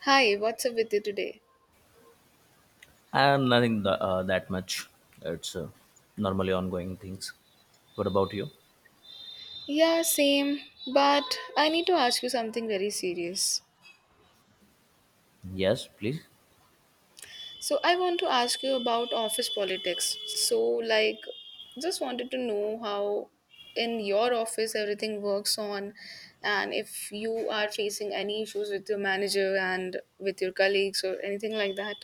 Hi, what's up with you today? And nothing that much. It's normally ongoing things. What about you? Yeah, same, but I need to ask you something very serious. Yes, please. So, I want to ask you about office politics. Just wanted to know how in your office everything works on, and if you are facing any issues with your manager and with your colleagues or anything like that.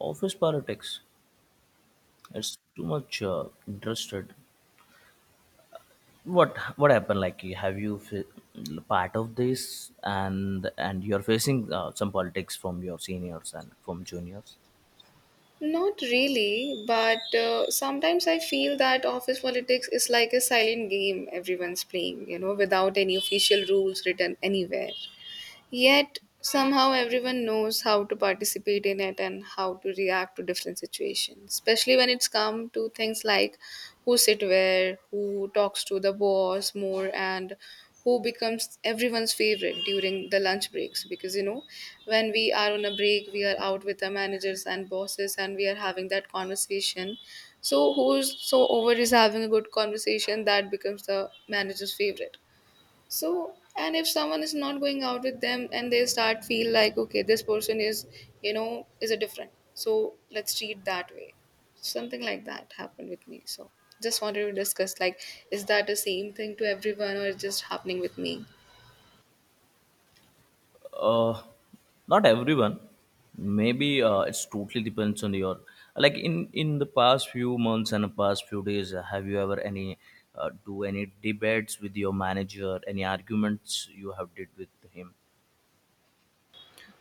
Office politics. It's too much interested. What happened? Like, have you part of this, and you're facing some politics from your seniors and from juniors? Not really, but sometimes I feel that office politics is like a silent game everyone's playing, you know, without any official rules written anywhere. Yet, somehow, everyone knows how to participate in it and how to react to different situations, especially when it's come to things like who sit where, who talks to the boss more, and who becomes everyone's favorite during the lunch breaks because you know when we are on a break we are out with the managers and bosses and we are having that conversation. So who's so over is having a good conversation that becomes the manager's favorite. So and if someone is not going out with them and they start feel like okay this person is, you know, is a different, so let's treat that way. Something like that happened with me, so just wanted to discuss like, is that the same thing to everyone or is just happening with me? Uh, Not everyone, maybe it's totally depends on your, like, in the past few months and the past few days, have you ever any, do any debates with your manager, any arguments you have did with him?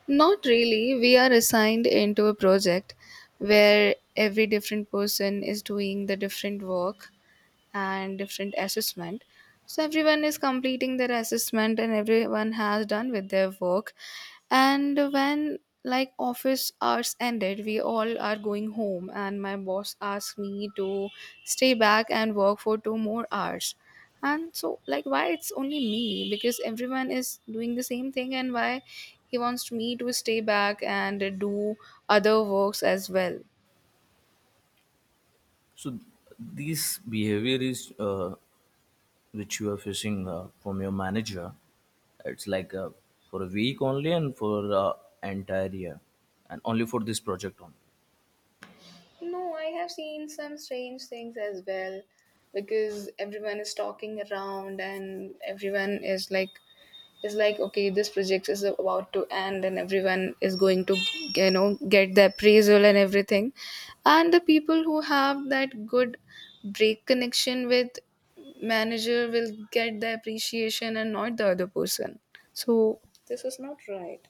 Not really, we are assigned into a project where every different person is doing the different work and different assessment. So everyone is completing their assessment and everyone has done with their work, and when like office hours ended we all are going home and my boss asked me to stay back and work for two more hours. And so like why it's only me, because everyone is doing the same thing, and why he wants me to stay back and do other works as well. So these behavior is which you are facing from your manager, it's like for a week only, and for entire year, and only for this project only? No, I have seen some strange things as well, because everyone is talking around and everyone is like, okay this project is about to end and everyone is going to, you know, get the appraisal and everything, and the people who have that good break connection with manager will get the appreciation and not the other person. So this is not right.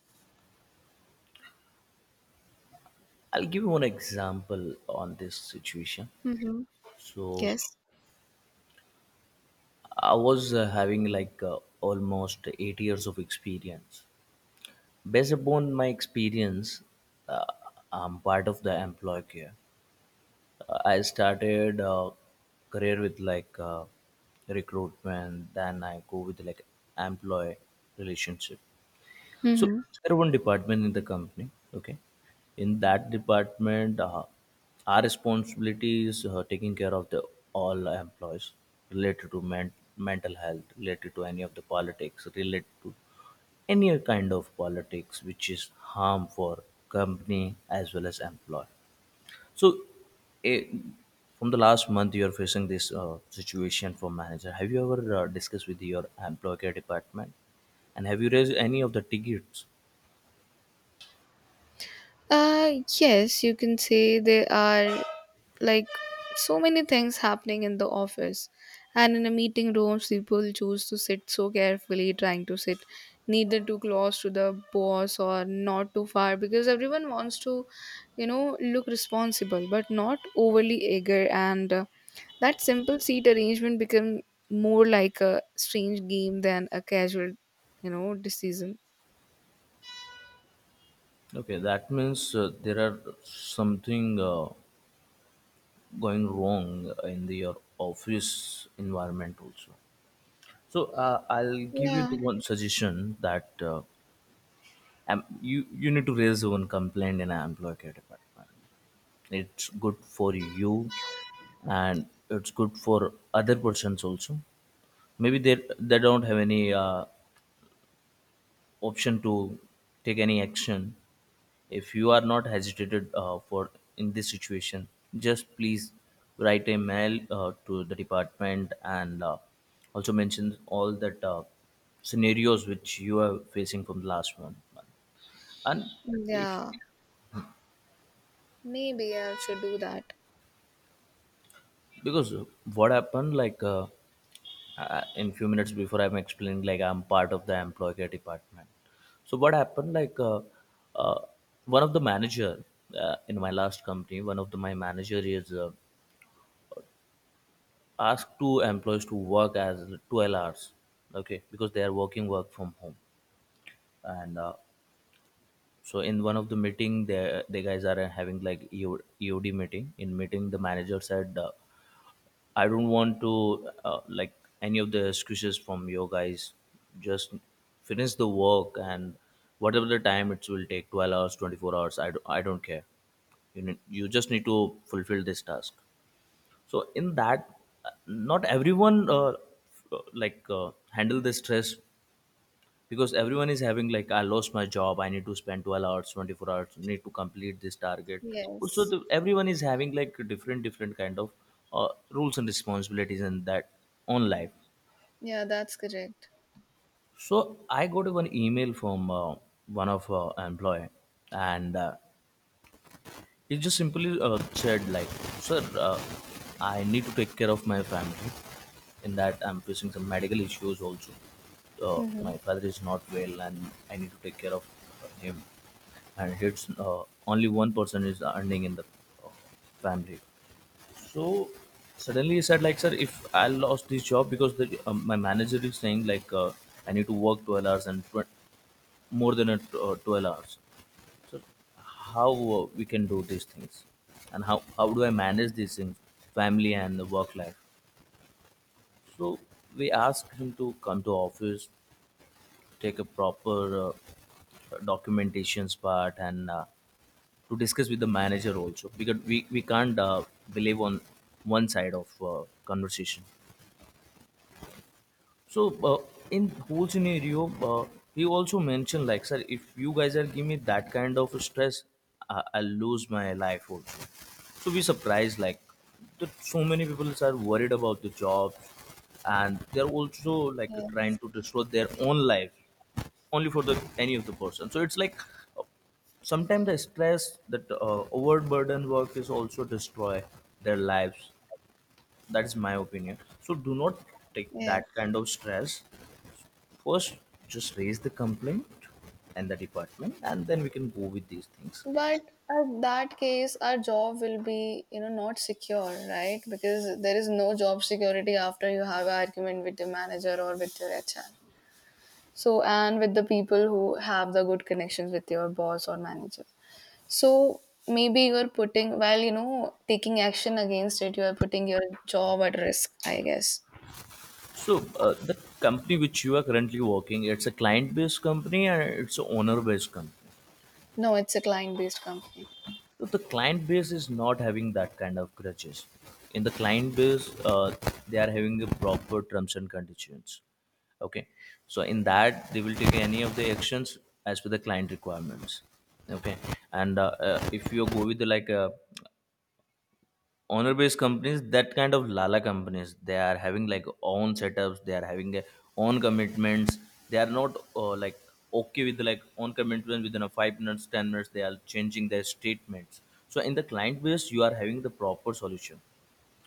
I'll give you one example on this situation. Mm-hmm. So Yes. I was having like almost 8 years of experience. Based upon my experience, uh, I'm part of the employee here. I started career with like recruitment, then I go with like employee relationship. So Hmm. there one department in the company. Okay, in that department, our responsibility is taking care of the all employees, related to mental health, related to any of the politics, related to any kind of politics which is harm for company as well as employee. So, eh, from the last month, you are facing this situation for manager. Have you ever discussed with your employee care department? And have you raised any of the tickets? Yes, you can say there are like so many things happening in the office. And in a meeting rooms, people choose to sit so carefully, trying to sit neither too close to the boss or not too far because everyone wants to, you know, look responsible but not overly eager. And that simple seat arrangement become more like a strange game than a casual, you know, decision. Okay, that means there are something going wrong in the your office environment also. So I'll give you Yeah, the one suggestion that you need to raise one complaint in an employee care department. It's good for you, and it's good for other persons also. Maybe they don't have any option to take any action. If you are not hesitated for in this situation, just please write a mail to the department, and also mention all that scenarios which you are facing from the last 1 month. And if, yeah. Maybe I should do that. because what happened, like, in few minutes before, I'm explaining like I'm part of the employee care department. So what happened, like, uh, one of the manager, in my last company, one of the, my manager is asked two employees to work as 12 hours, okay, because they are working work from home. And so in one of the meeting, the guys are having like EO, eod meeting, in meeting the manager said, I don't want to like any of the excuses from you guys. Just finish the work, and whatever the time it will take, 12 hours, 24 hours, I, do, I don't care. You, need, you just need to fulfill this task. So, in that, not everyone like handle the stress, because everyone is having like, I lost my job, I need to spend 12 hours, 24 hours, need to complete this target. Also Yes. the, everyone is having like different kind of rules and responsibilities in that own life. Yeah, that's correct. So I got one email from one of employee. And he just simply said, like, sir, I need to take care of my family. In that, I'm facing some medical issues also. Hmm. My father is not well, and I need to take care of him. And it's only one person is earning in the uh, family. So suddenly he said, like, sir, if I lost this job because the, my manager is saying like, I need to work 12 hours and more than 12 hours. So how we can do these things, and how do I manage these things, family and the work life? So we asked him to come to office, take a proper documentations part, and to discuss with the manager also, because we can't believe on one side of conversation. So in whole scenario, he also mentioned like, sir, if you guys are giving me that kind of stress, I'll lose my life also. So we surprised like that so many people are worried about the jobs, and they're also like trying Yes. to destroy their own life only for the any of the person. So it's like uh, sometimes the stress that overburden work is also destroy their lives. That is my opinion. So do not take Yes. that kind of stress. First just raise the complaint and the department, and then we can go with these things. But at that case, our job will be, you know, not secure, right? Because there is no job security after you have an argument with your manager or with your HR. So, and with the people who have the good connections with your boss or manager. So, maybe you're putting, while, you know, taking action against it, you are putting your job at risk, I guess. So the company which you are currently working, it's a client based company, and it's a owner based company? No, it's a client based company. So the client base is not having that kind of grudges. In the client base, they are having the proper terms and conditions, okay? So in that they will take any of the actions as per the client requirements, okay? And if you go with the like a owner based companies, that kind of lala companies, they are having like own setups, they are having their own commitments. They are not like okay with like own commitments. Within a 5 minutes, 10 minutes, they are changing their statements. So in the client base you are having the proper solution,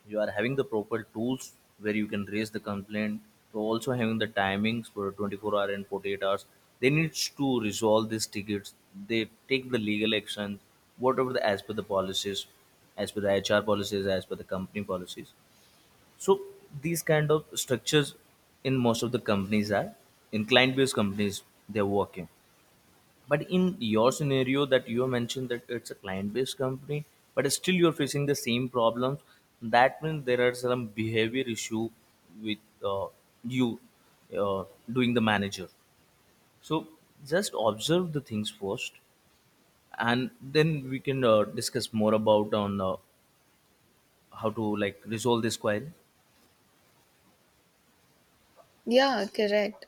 you are having the proper tools where you can raise the complaint. So also having the timings for 24 hour and 48 hours, they need to resolve these tickets, they take the legal action, whatever, the as per the policies, as per the HR policies, as per the company policies. So these kind of structures in most of the companies are in client based companies, they're working. But in your scenario that you mentioned that it's a client-based company, but still you're facing the same problems. That means there are some behavior issue with uh, you, uh, doing the manager. So just observe the things first, and then we can discuss more about on how to like resolve this query. Yeah, correct.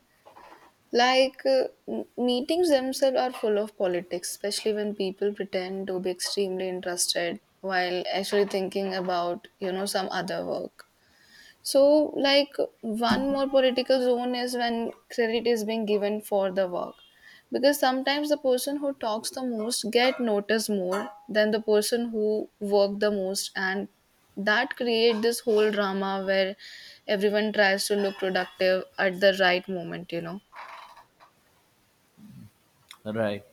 Like meetings themselves are full of politics, especially when people pretend to be extremely interested while actually thinking about, you know, some other work. So, like, one more political zone is when credit is being given for the work. Because sometimes the person who talks the most get noticed more than the person who worked the most, and that create this whole drama where everyone tries to look productive at the right moment, you know. Right.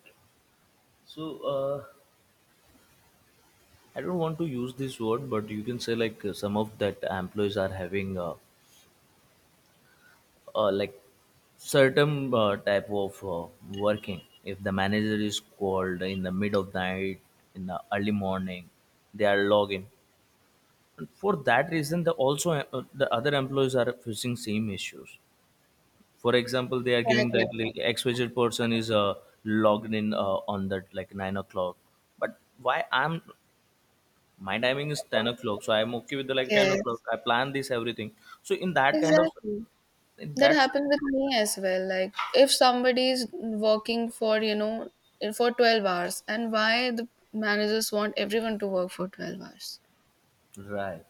So I don't want to use this word, but you can say like some of that employees are having, like certain type of working. If the manager is called in the mid of night, in the early morning, they are logging. And for that reason, the also the other employees are facing same issues. For example, they are giving Exactly. the, like, xyz person is logged in on that like 9 o'clock, but why I'm, my timing is 10 o'clock, so I'm okay with the like 10 o'clock, Yes. I plan this everything. So in that kind of, Exactly. in That that, happened with me as well. Like if somebody is working for, you know, for 12 hours and why the managers want everyone to work for 12 hours. right,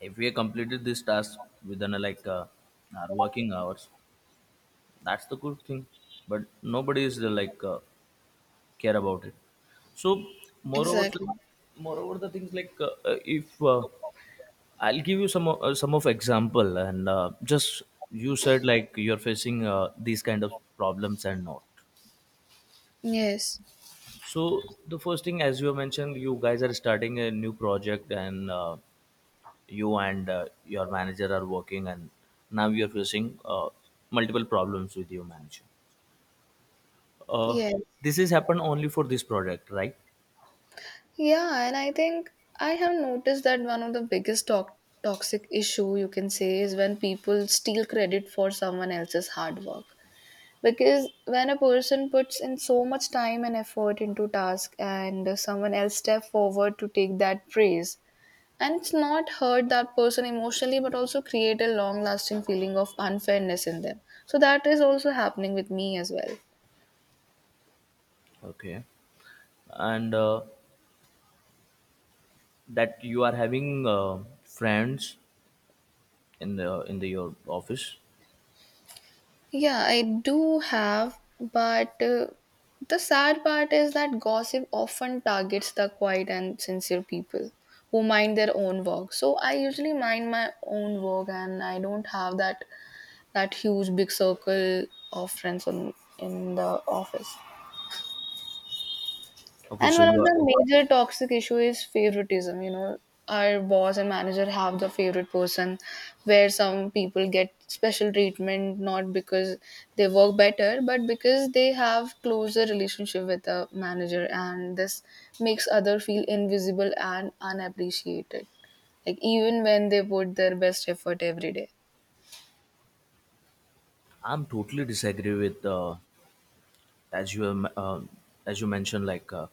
if we completed this task within like our working hours, that's the good thing. But nobody is like care about it. So moreover the, Exactly. moreover the things like, if I'll give you some of example, and just you said like you're facing these kind of problems and not. Yes. So the first thing, as you mentioned, you guys are starting a new project, and you and your manager are working, and now you're facing multiple problems with your manager. uh, Yes. this is happen only for this product, right? Yeah, and I think I have noticed that one of the biggest toxic issue you can say is when people steal credit for someone else's hard work. Because when a person puts in so much time and effort into task and someone else step forward to take that praise, and it's not hurt that person emotionally, but also create a long lasting feeling of unfairness in them. So that is also happening with me as well. Okay, and that you are having friends in the, in the your office. Yeah, I do have, but the sad part is that gossip often targets the quiet and sincere people who mind their own work. So I usually mind my own work, and I don't have that huge big circle of friends in the office. Okay, And so one you of are. the major toxic issue is favoritism. You know, our boss and manager have the favorite person, where some people get special treatment not because they work better, but because they have closer relationship with the manager, and this makes other feel invisible and unappreciated. Like even when they put their best effort every day. I'm totally disagree with as you um, um, as you mentioned, like, uh,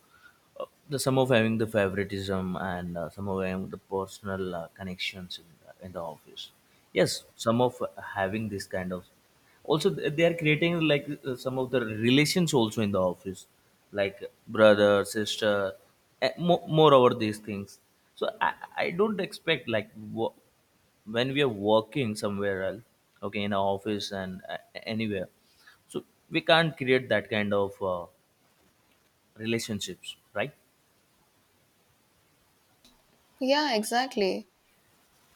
uh, the some of having the favoritism, and some of having the personal connections in the office. Yes, some of having this kind of also they are creating like some of the relations also in the office, like brother, sister, more over these things. So I don't expect like when we are working somewhere else, okay, in our office and anywhere. So we can't create that kind of relationships, right? Yeah, exactly.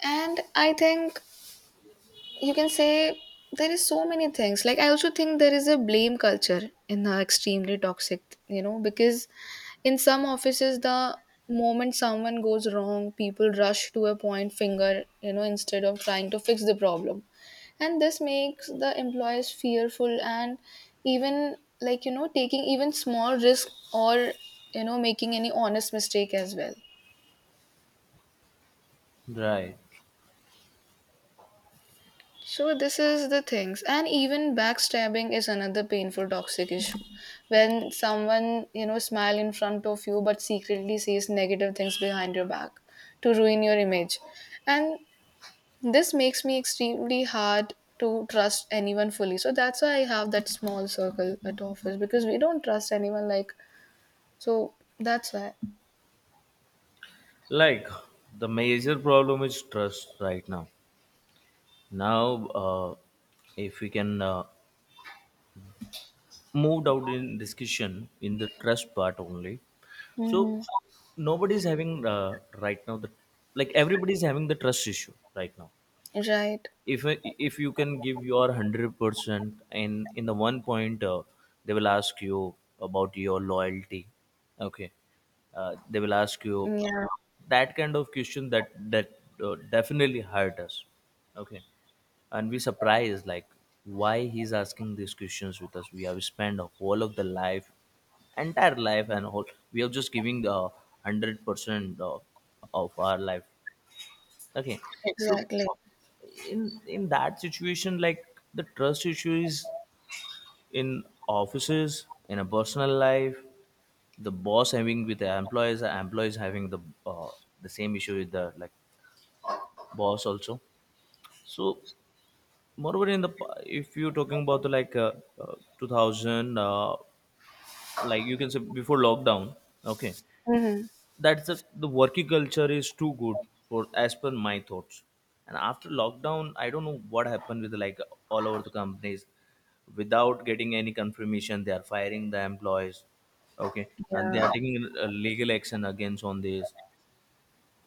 And I think you can say there is so many things, like I also think there is a blame culture in extremely toxic, you know, because in some offices the moment someone goes wrong people rush to a point finger, you know, instead of trying to fix the problem, and this makes the employees fearful and even like, you know, taking even small risk or, you know, making any honest mistake as well. Right. So this is the things, and even backstabbing is another painful toxic issue. When someone, you know, smile in front of you but secretly says negative things behind your back to ruin your image, and this makes me extremely hard to trust anyone fully. So that's why I have that small circle at office because we don't trust anyone. Like so that's why, Like the major problem is trust right now. Now, if we can move out in discussion in the trust part only. So nobody's having right now the, like everybody's having the trust issue right now. right? If you can give your 100% and in the one point they will ask you about your loyalty. Okay. They will ask you Yeah, that kind of question that definitely hurt us. Okay. And we surprised, like, why he's asking these questions with us? We have spent a whole of the life, entire life, and whole we are just giving the 100% of our life. Okay. So exactly. in that situation, like, the trust issues in offices, in a personal life, the boss having with the employees, the employees having uh, the same issue with the like boss also. So moreover, in the if you're talking about the like 2000 like you can say before lockdown. Okay. Hmm. That's the working culture is too good for, as per my thoughts. And after lockdown, I don't know what happened with, like, all over the companies, without getting any confirmation they are firing the employees. Okay. And they are Yeah. taking legal action against on this.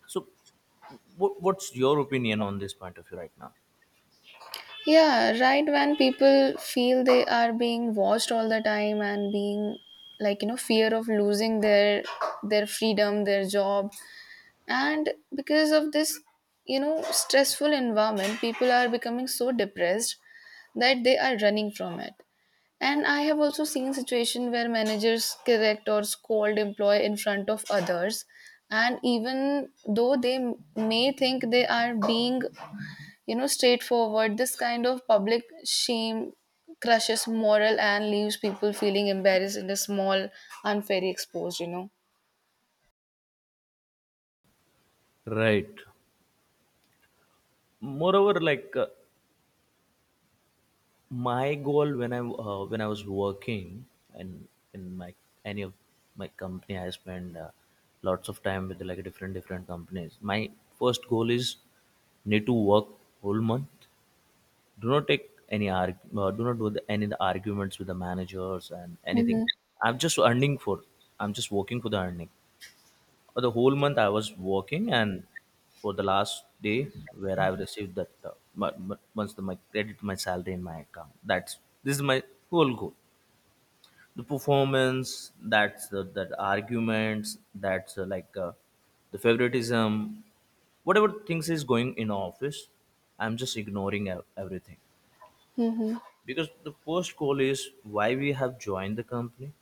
So what's your opinion on this point of view right now? Yeah, right. When people feel they are being watched all the time and being like, you know, fear of losing their freedom, their job, and because of this, you know, stressful environment, people are becoming so depressed that they are running from it. And I have also seen situation where managers correct or scold employee in front of others, and even though they may think they are being, you know, straightforward, this kind of public shame crushes moral and leaves people feeling embarrassed in a small unfairly exposed, you know. Right. Moreover, like, my goal when I was working and in my any of my company, I spend lots of time with like different companies. My first goal is need to work whole month. Do not take any do not do any of the arguments with the managers and anything. Mm-hmm. I'm just earning for. I'm just working for the earning the whole month I was working, and for the last day where I've received that my once my credit, my salary in my account. That's, this is my whole goal. The performance, that's the, that arguments, that's the favoritism, whatever things is going in office, I'm just ignoring everything, Mm-hmm. because the first goal is why we have joined the company.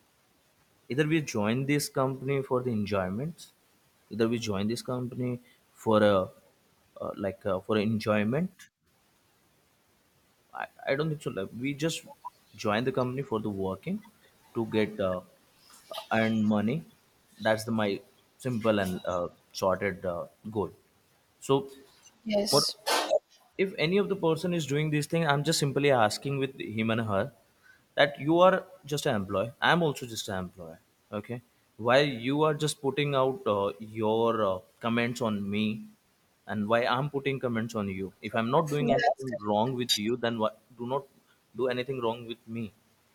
Either we join this company for the enjoyment, either we join this company for a for enjoyment. I don't think so, like we just join the company for the working to get earn money. That's the my simple and sorted goal. So what Yes. if any of the person is doing this thing? I'm just simply asking with him and her that you are just an employee, I'm also just an employee. Okay. Why you are just putting out your comments on me, and why I'm putting comments on you? If I'm not That's doing anything correct. wrong with you, then what do not do anything wrong with me.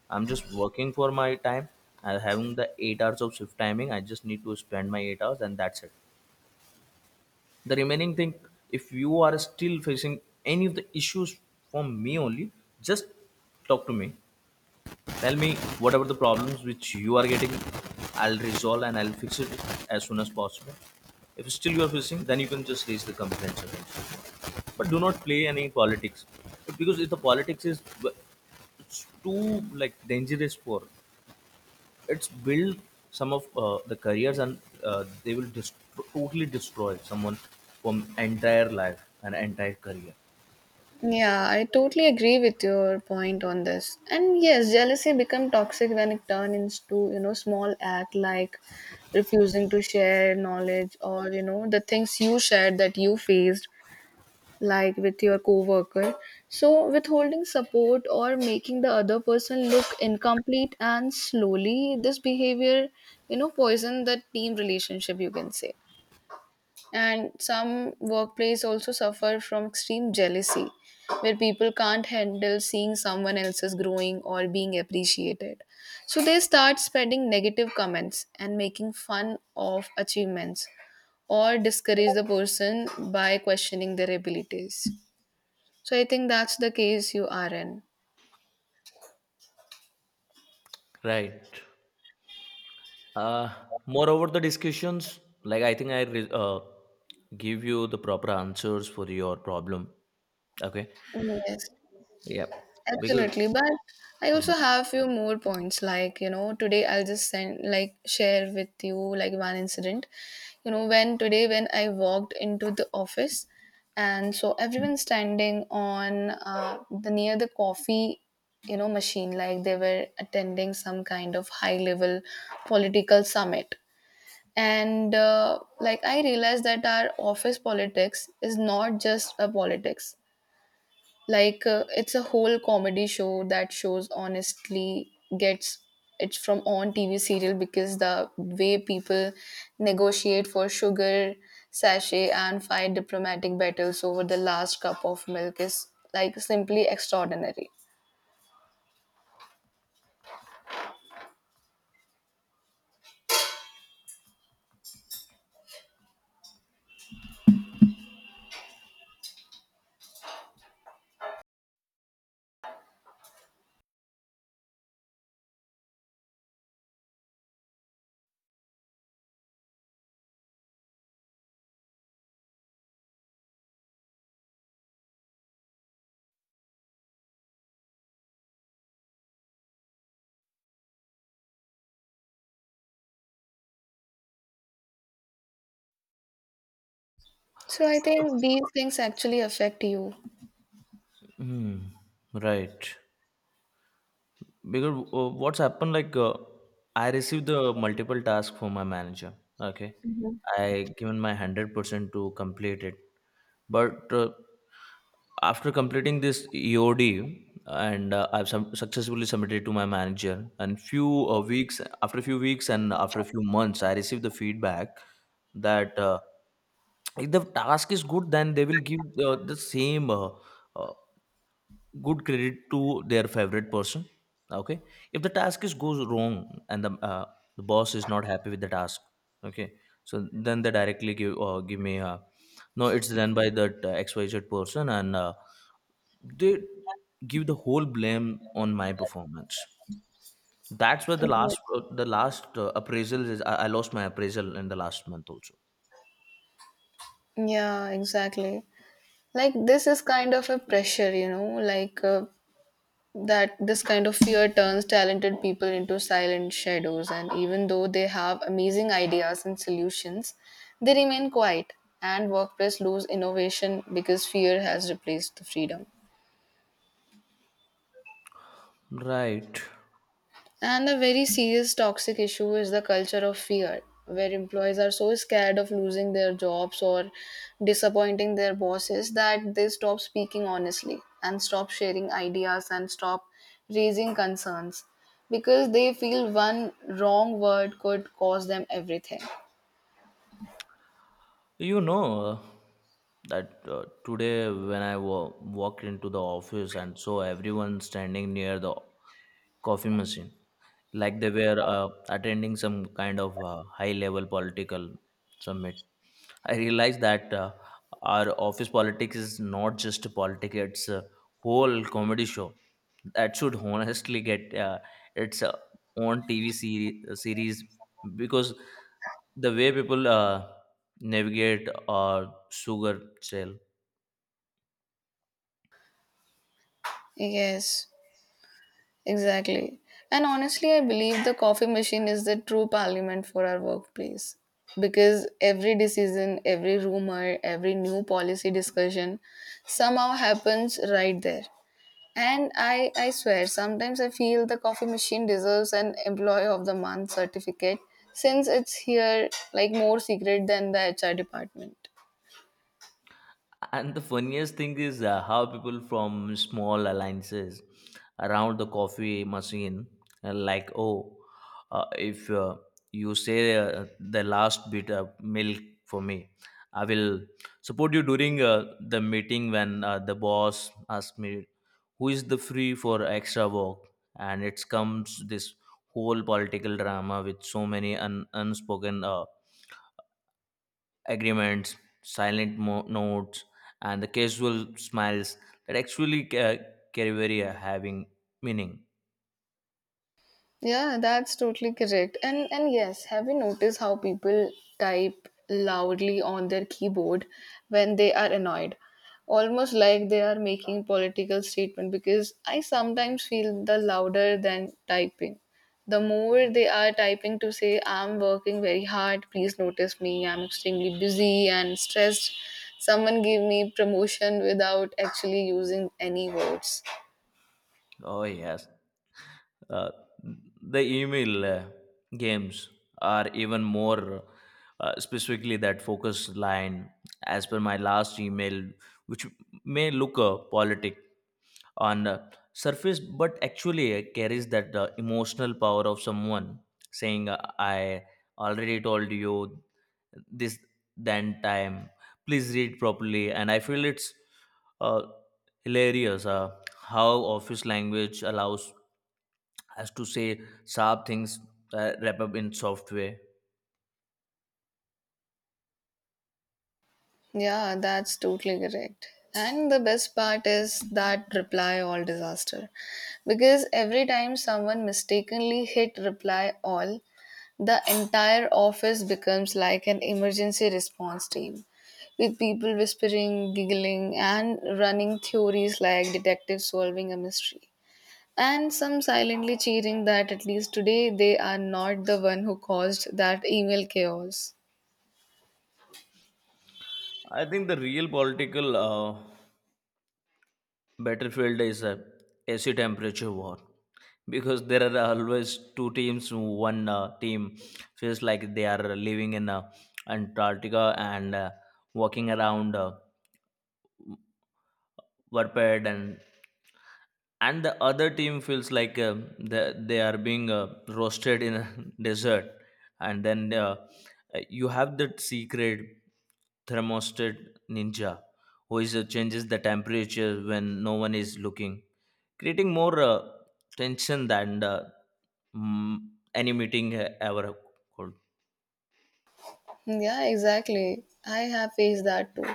I'm just working for my time. I'm having the 8 hours of shift timing. I just need to spend my 8 hours and that's it. The remaining thing, if you are still facing any of the issues from me only, just talk to me, tell me whatever the problems which you are getting, I'll resolve and I'll fix it as soon as possible. If still you are facing, then you can just raise the complaints again. But do not play any politics, because if the politics is, it's too, like, dangerous for, it's build some of the careers and they will totally destroy someone from entire life and entire career. Yeah, I totally agree with your point on this, and yes jealousy become toxic when it turns into, you know, small act like refusing to share knowledge or, you know, the things you shared that you faced like with your coworker. So withholding support or making the other person look incomplete, and slowly this behavior, you know, poison the team relationship you can say. And some workplace also suffer from extreme jealousy where people can't handle seeing someone else's growing or being appreciated. So they start spreading negative comments and making fun of achievements or discourage the person by questioning their abilities. So I think that's the case you are in. Right. Uh, Moreover, the discussions, like, I think I give you the proper answers for your problem. Okay. Yes, Yeah. Because, absolutely. But I also have few more points. Like, you know, today I'll just send like share with you like one incident. You know, when today when I walked into the office and so everyone standing on the near the coffee, you know, machine like they were attending some kind of high level political summit. And like I realized that our office politics is not just a politics, like it's a whole comedy show that shows honestly gets it's from on TV serial, because the way people negotiate for sugar sachet and fight diplomatic battles over the last cup of milk is like simply extraordinary. So I think these things actually affect you. mhm, right. Because what's happened, like, I received the multiple tasks from my manager. Okay, I given my 100% to complete it, but after completing this EOD and I've successfully submitted to my manager, and few weeks, after a few weeks and after a few months, I received the feedback that if the task is good, then they will give the same. Uh, Good credit to their favorite person. Okay. If the task is goes wrong, and the boss is not happy with the task. Okay. So then they directly give give me no, it's done by that xyz person, and they give the whole blame on my performance. That's where Yes. The last appraisal is, I lost my appraisal in the last month also. Yeah, exactly. Like this is kind of a pressure, you know, like that this kind of fear turns talented people into silent shadows, and even though they have amazing ideas and solutions they remain quiet, and workplace lose innovation because fear has replaced the freedom. Right. And a very serious toxic issue is the culture of fear, where employees are so scared of losing their jobs or disappointing their bosses that they stop speaking honestly and stop sharing ideas and stop raising concerns because they feel one wrong word could cause them everything. You know, that today when I walked into the office and saw everyone standing near the coffee machine, like they were attending some kind of high-level political summit. I realized that our office politics is not just politics; it's a whole comedy show that should honestly get its own TV series because the way people navigate or sugar trail. Yes, exactly. And honestly, I believe the coffee machine is the true parliament for our workplace because every decision, every rumor, every new policy discussion somehow happens right there. And I swear, sometimes I feel the coffee machine deserves an Employee of the Month certificate since it's here like more secret than the HR department. And the funniest thing is how people from small alliances around the coffee machine, uh, like oh if you say the last bit of milk for me, I will support you during the meeting when the boss asks me who is the free for extra work. And it comes this whole political drama with so many unspoken agreements, silent notes, and the casual smiles that actually carry very having meaning. Yeah, that's totally correct. And yes, have you noticed how people type loudly on their keyboard when they are annoyed? Almost like they are making political statement, because I sometimes feel the louder than typing, the more they are typing to say I'm working very hard, please notice me, I'm extremely busy and stressed. Someone give me promotion without actually using any words. Oh yes, uh, the email games are even more specifically that focus line, as per my last email, which may look politic on surface, but actually carries that emotional power of someone saying, I already told you this than time, please read properly. And I feel it's uh, hilarious how office language allows us to say sharp things wrap up in soft way. Yeah, that's totally correct. And the best part is that reply all disaster. Because every time someone mistakenly hit reply all, the entire office becomes like an emergency response team, with people whispering, giggling, and running theories like detectives solving a mystery. And some silently cheering that at least today they are not the one who caused that email chaos. I think the real political battlefield is a AC temperature war, because there are always two teams. One team feels like they are living in Antarctica and walking around warped, and the other team feels like they are being roasted in a desert. And then you have that secret thermostat ninja who is changes the temperature when no one is looking, creating more tension than mm, any meeting ever could. Yeah, exactly. I have faced that too.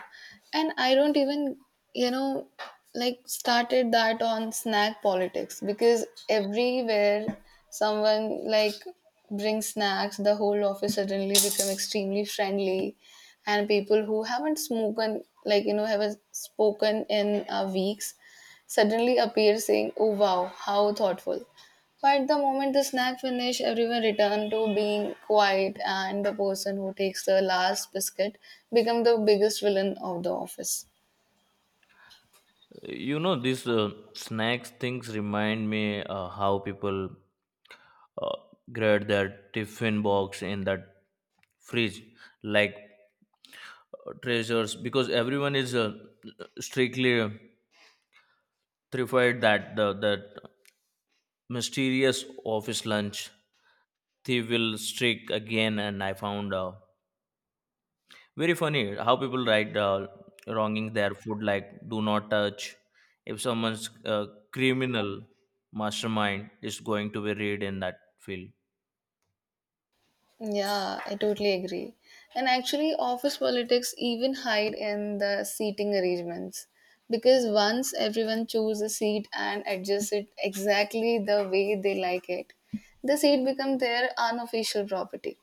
And I don't even, you know, like started that on snack politics because everywhere someone like brings snacks, the whole office suddenly become extremely friendly and people who haven't spoken like, you know, haven't spoken in weeks suddenly appear saying, "Oh wow, how thoughtful." But the moment the snack finished, everyone returned to being quiet, and the person who takes the last biscuit become the biggest villain of the office. You know, these snacks things remind me how people uh, grab their tiffin box in that fridge, like treasures, because everyone is strictly terrified that the that mysterious office lunch thief will streak again. And I found very funny how people write wronging their food like "do not touch". If someone's criminal mastermind is going to be read in that field. Yeah, I totally agree. And actually, office politics even hide in the seating arrangements because once everyone chooses a seat and adjusts it exactly the way they like it, the seat becomes their unofficial property.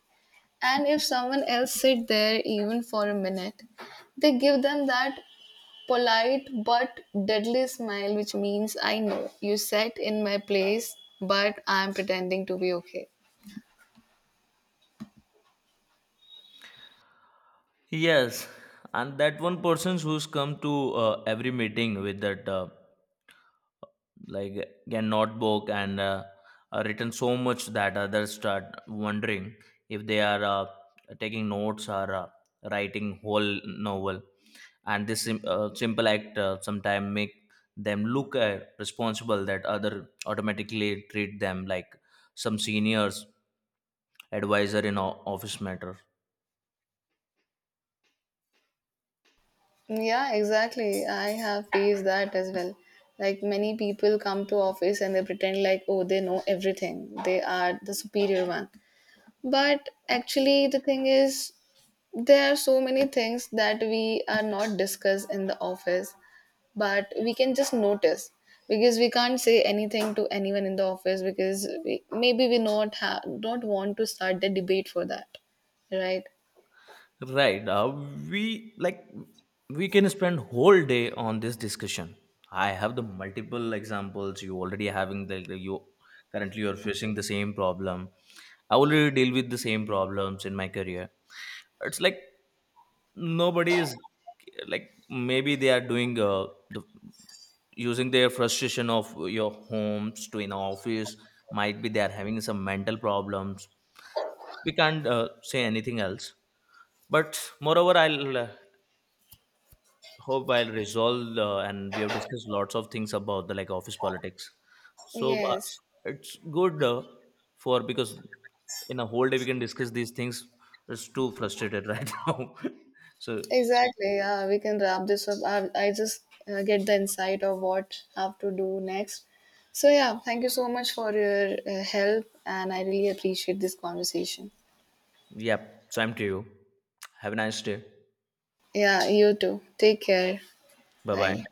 And if someone else sit there even for a minute, they give them that polite but deadly smile, which means I know you sat in my place, but I'm pretending to be okay. Yes, and that one person who's come to every meeting with that like a notebook and written so much that others start wondering if they are taking notes or writing whole novel. And this simple act sometimes make them look responsible that other automatically treat them like some seniors advisor in office matter. Yeah, exactly. I have faced that as well. Like many people come to office and they pretend like oh they know everything. They are the superior one. But actually the thing is there are so many things that we are not discussed in the office but we can just notice, because we can't say anything to anyone in the office because we, maybe we not have don't want to start the debate for that, right? Right. We, like, we can spend whole day on this discussion. I have the multiple examples. You already having the you, currently you're facing the same problem. I already deal with the same problems in my career. It's like nobody is, like maybe they are doing using their frustration of your homes to in office. Might be they are having some mental problems. We can't say anything else. But moreover, I'll hope I'll resolve, and we have discussed lots of things about the, like, office politics. So Yes, it's good for, because in a whole day we can discuss these things. It's too frustrated right now. So exactly, yeah, we can wrap this up. I just get the insight of what have to do next. So yeah, thank you so much for your help, and I really appreciate this conversation. yeah, same to you. Have a nice day. Yeah, you too, take care. Bye Bye. bye.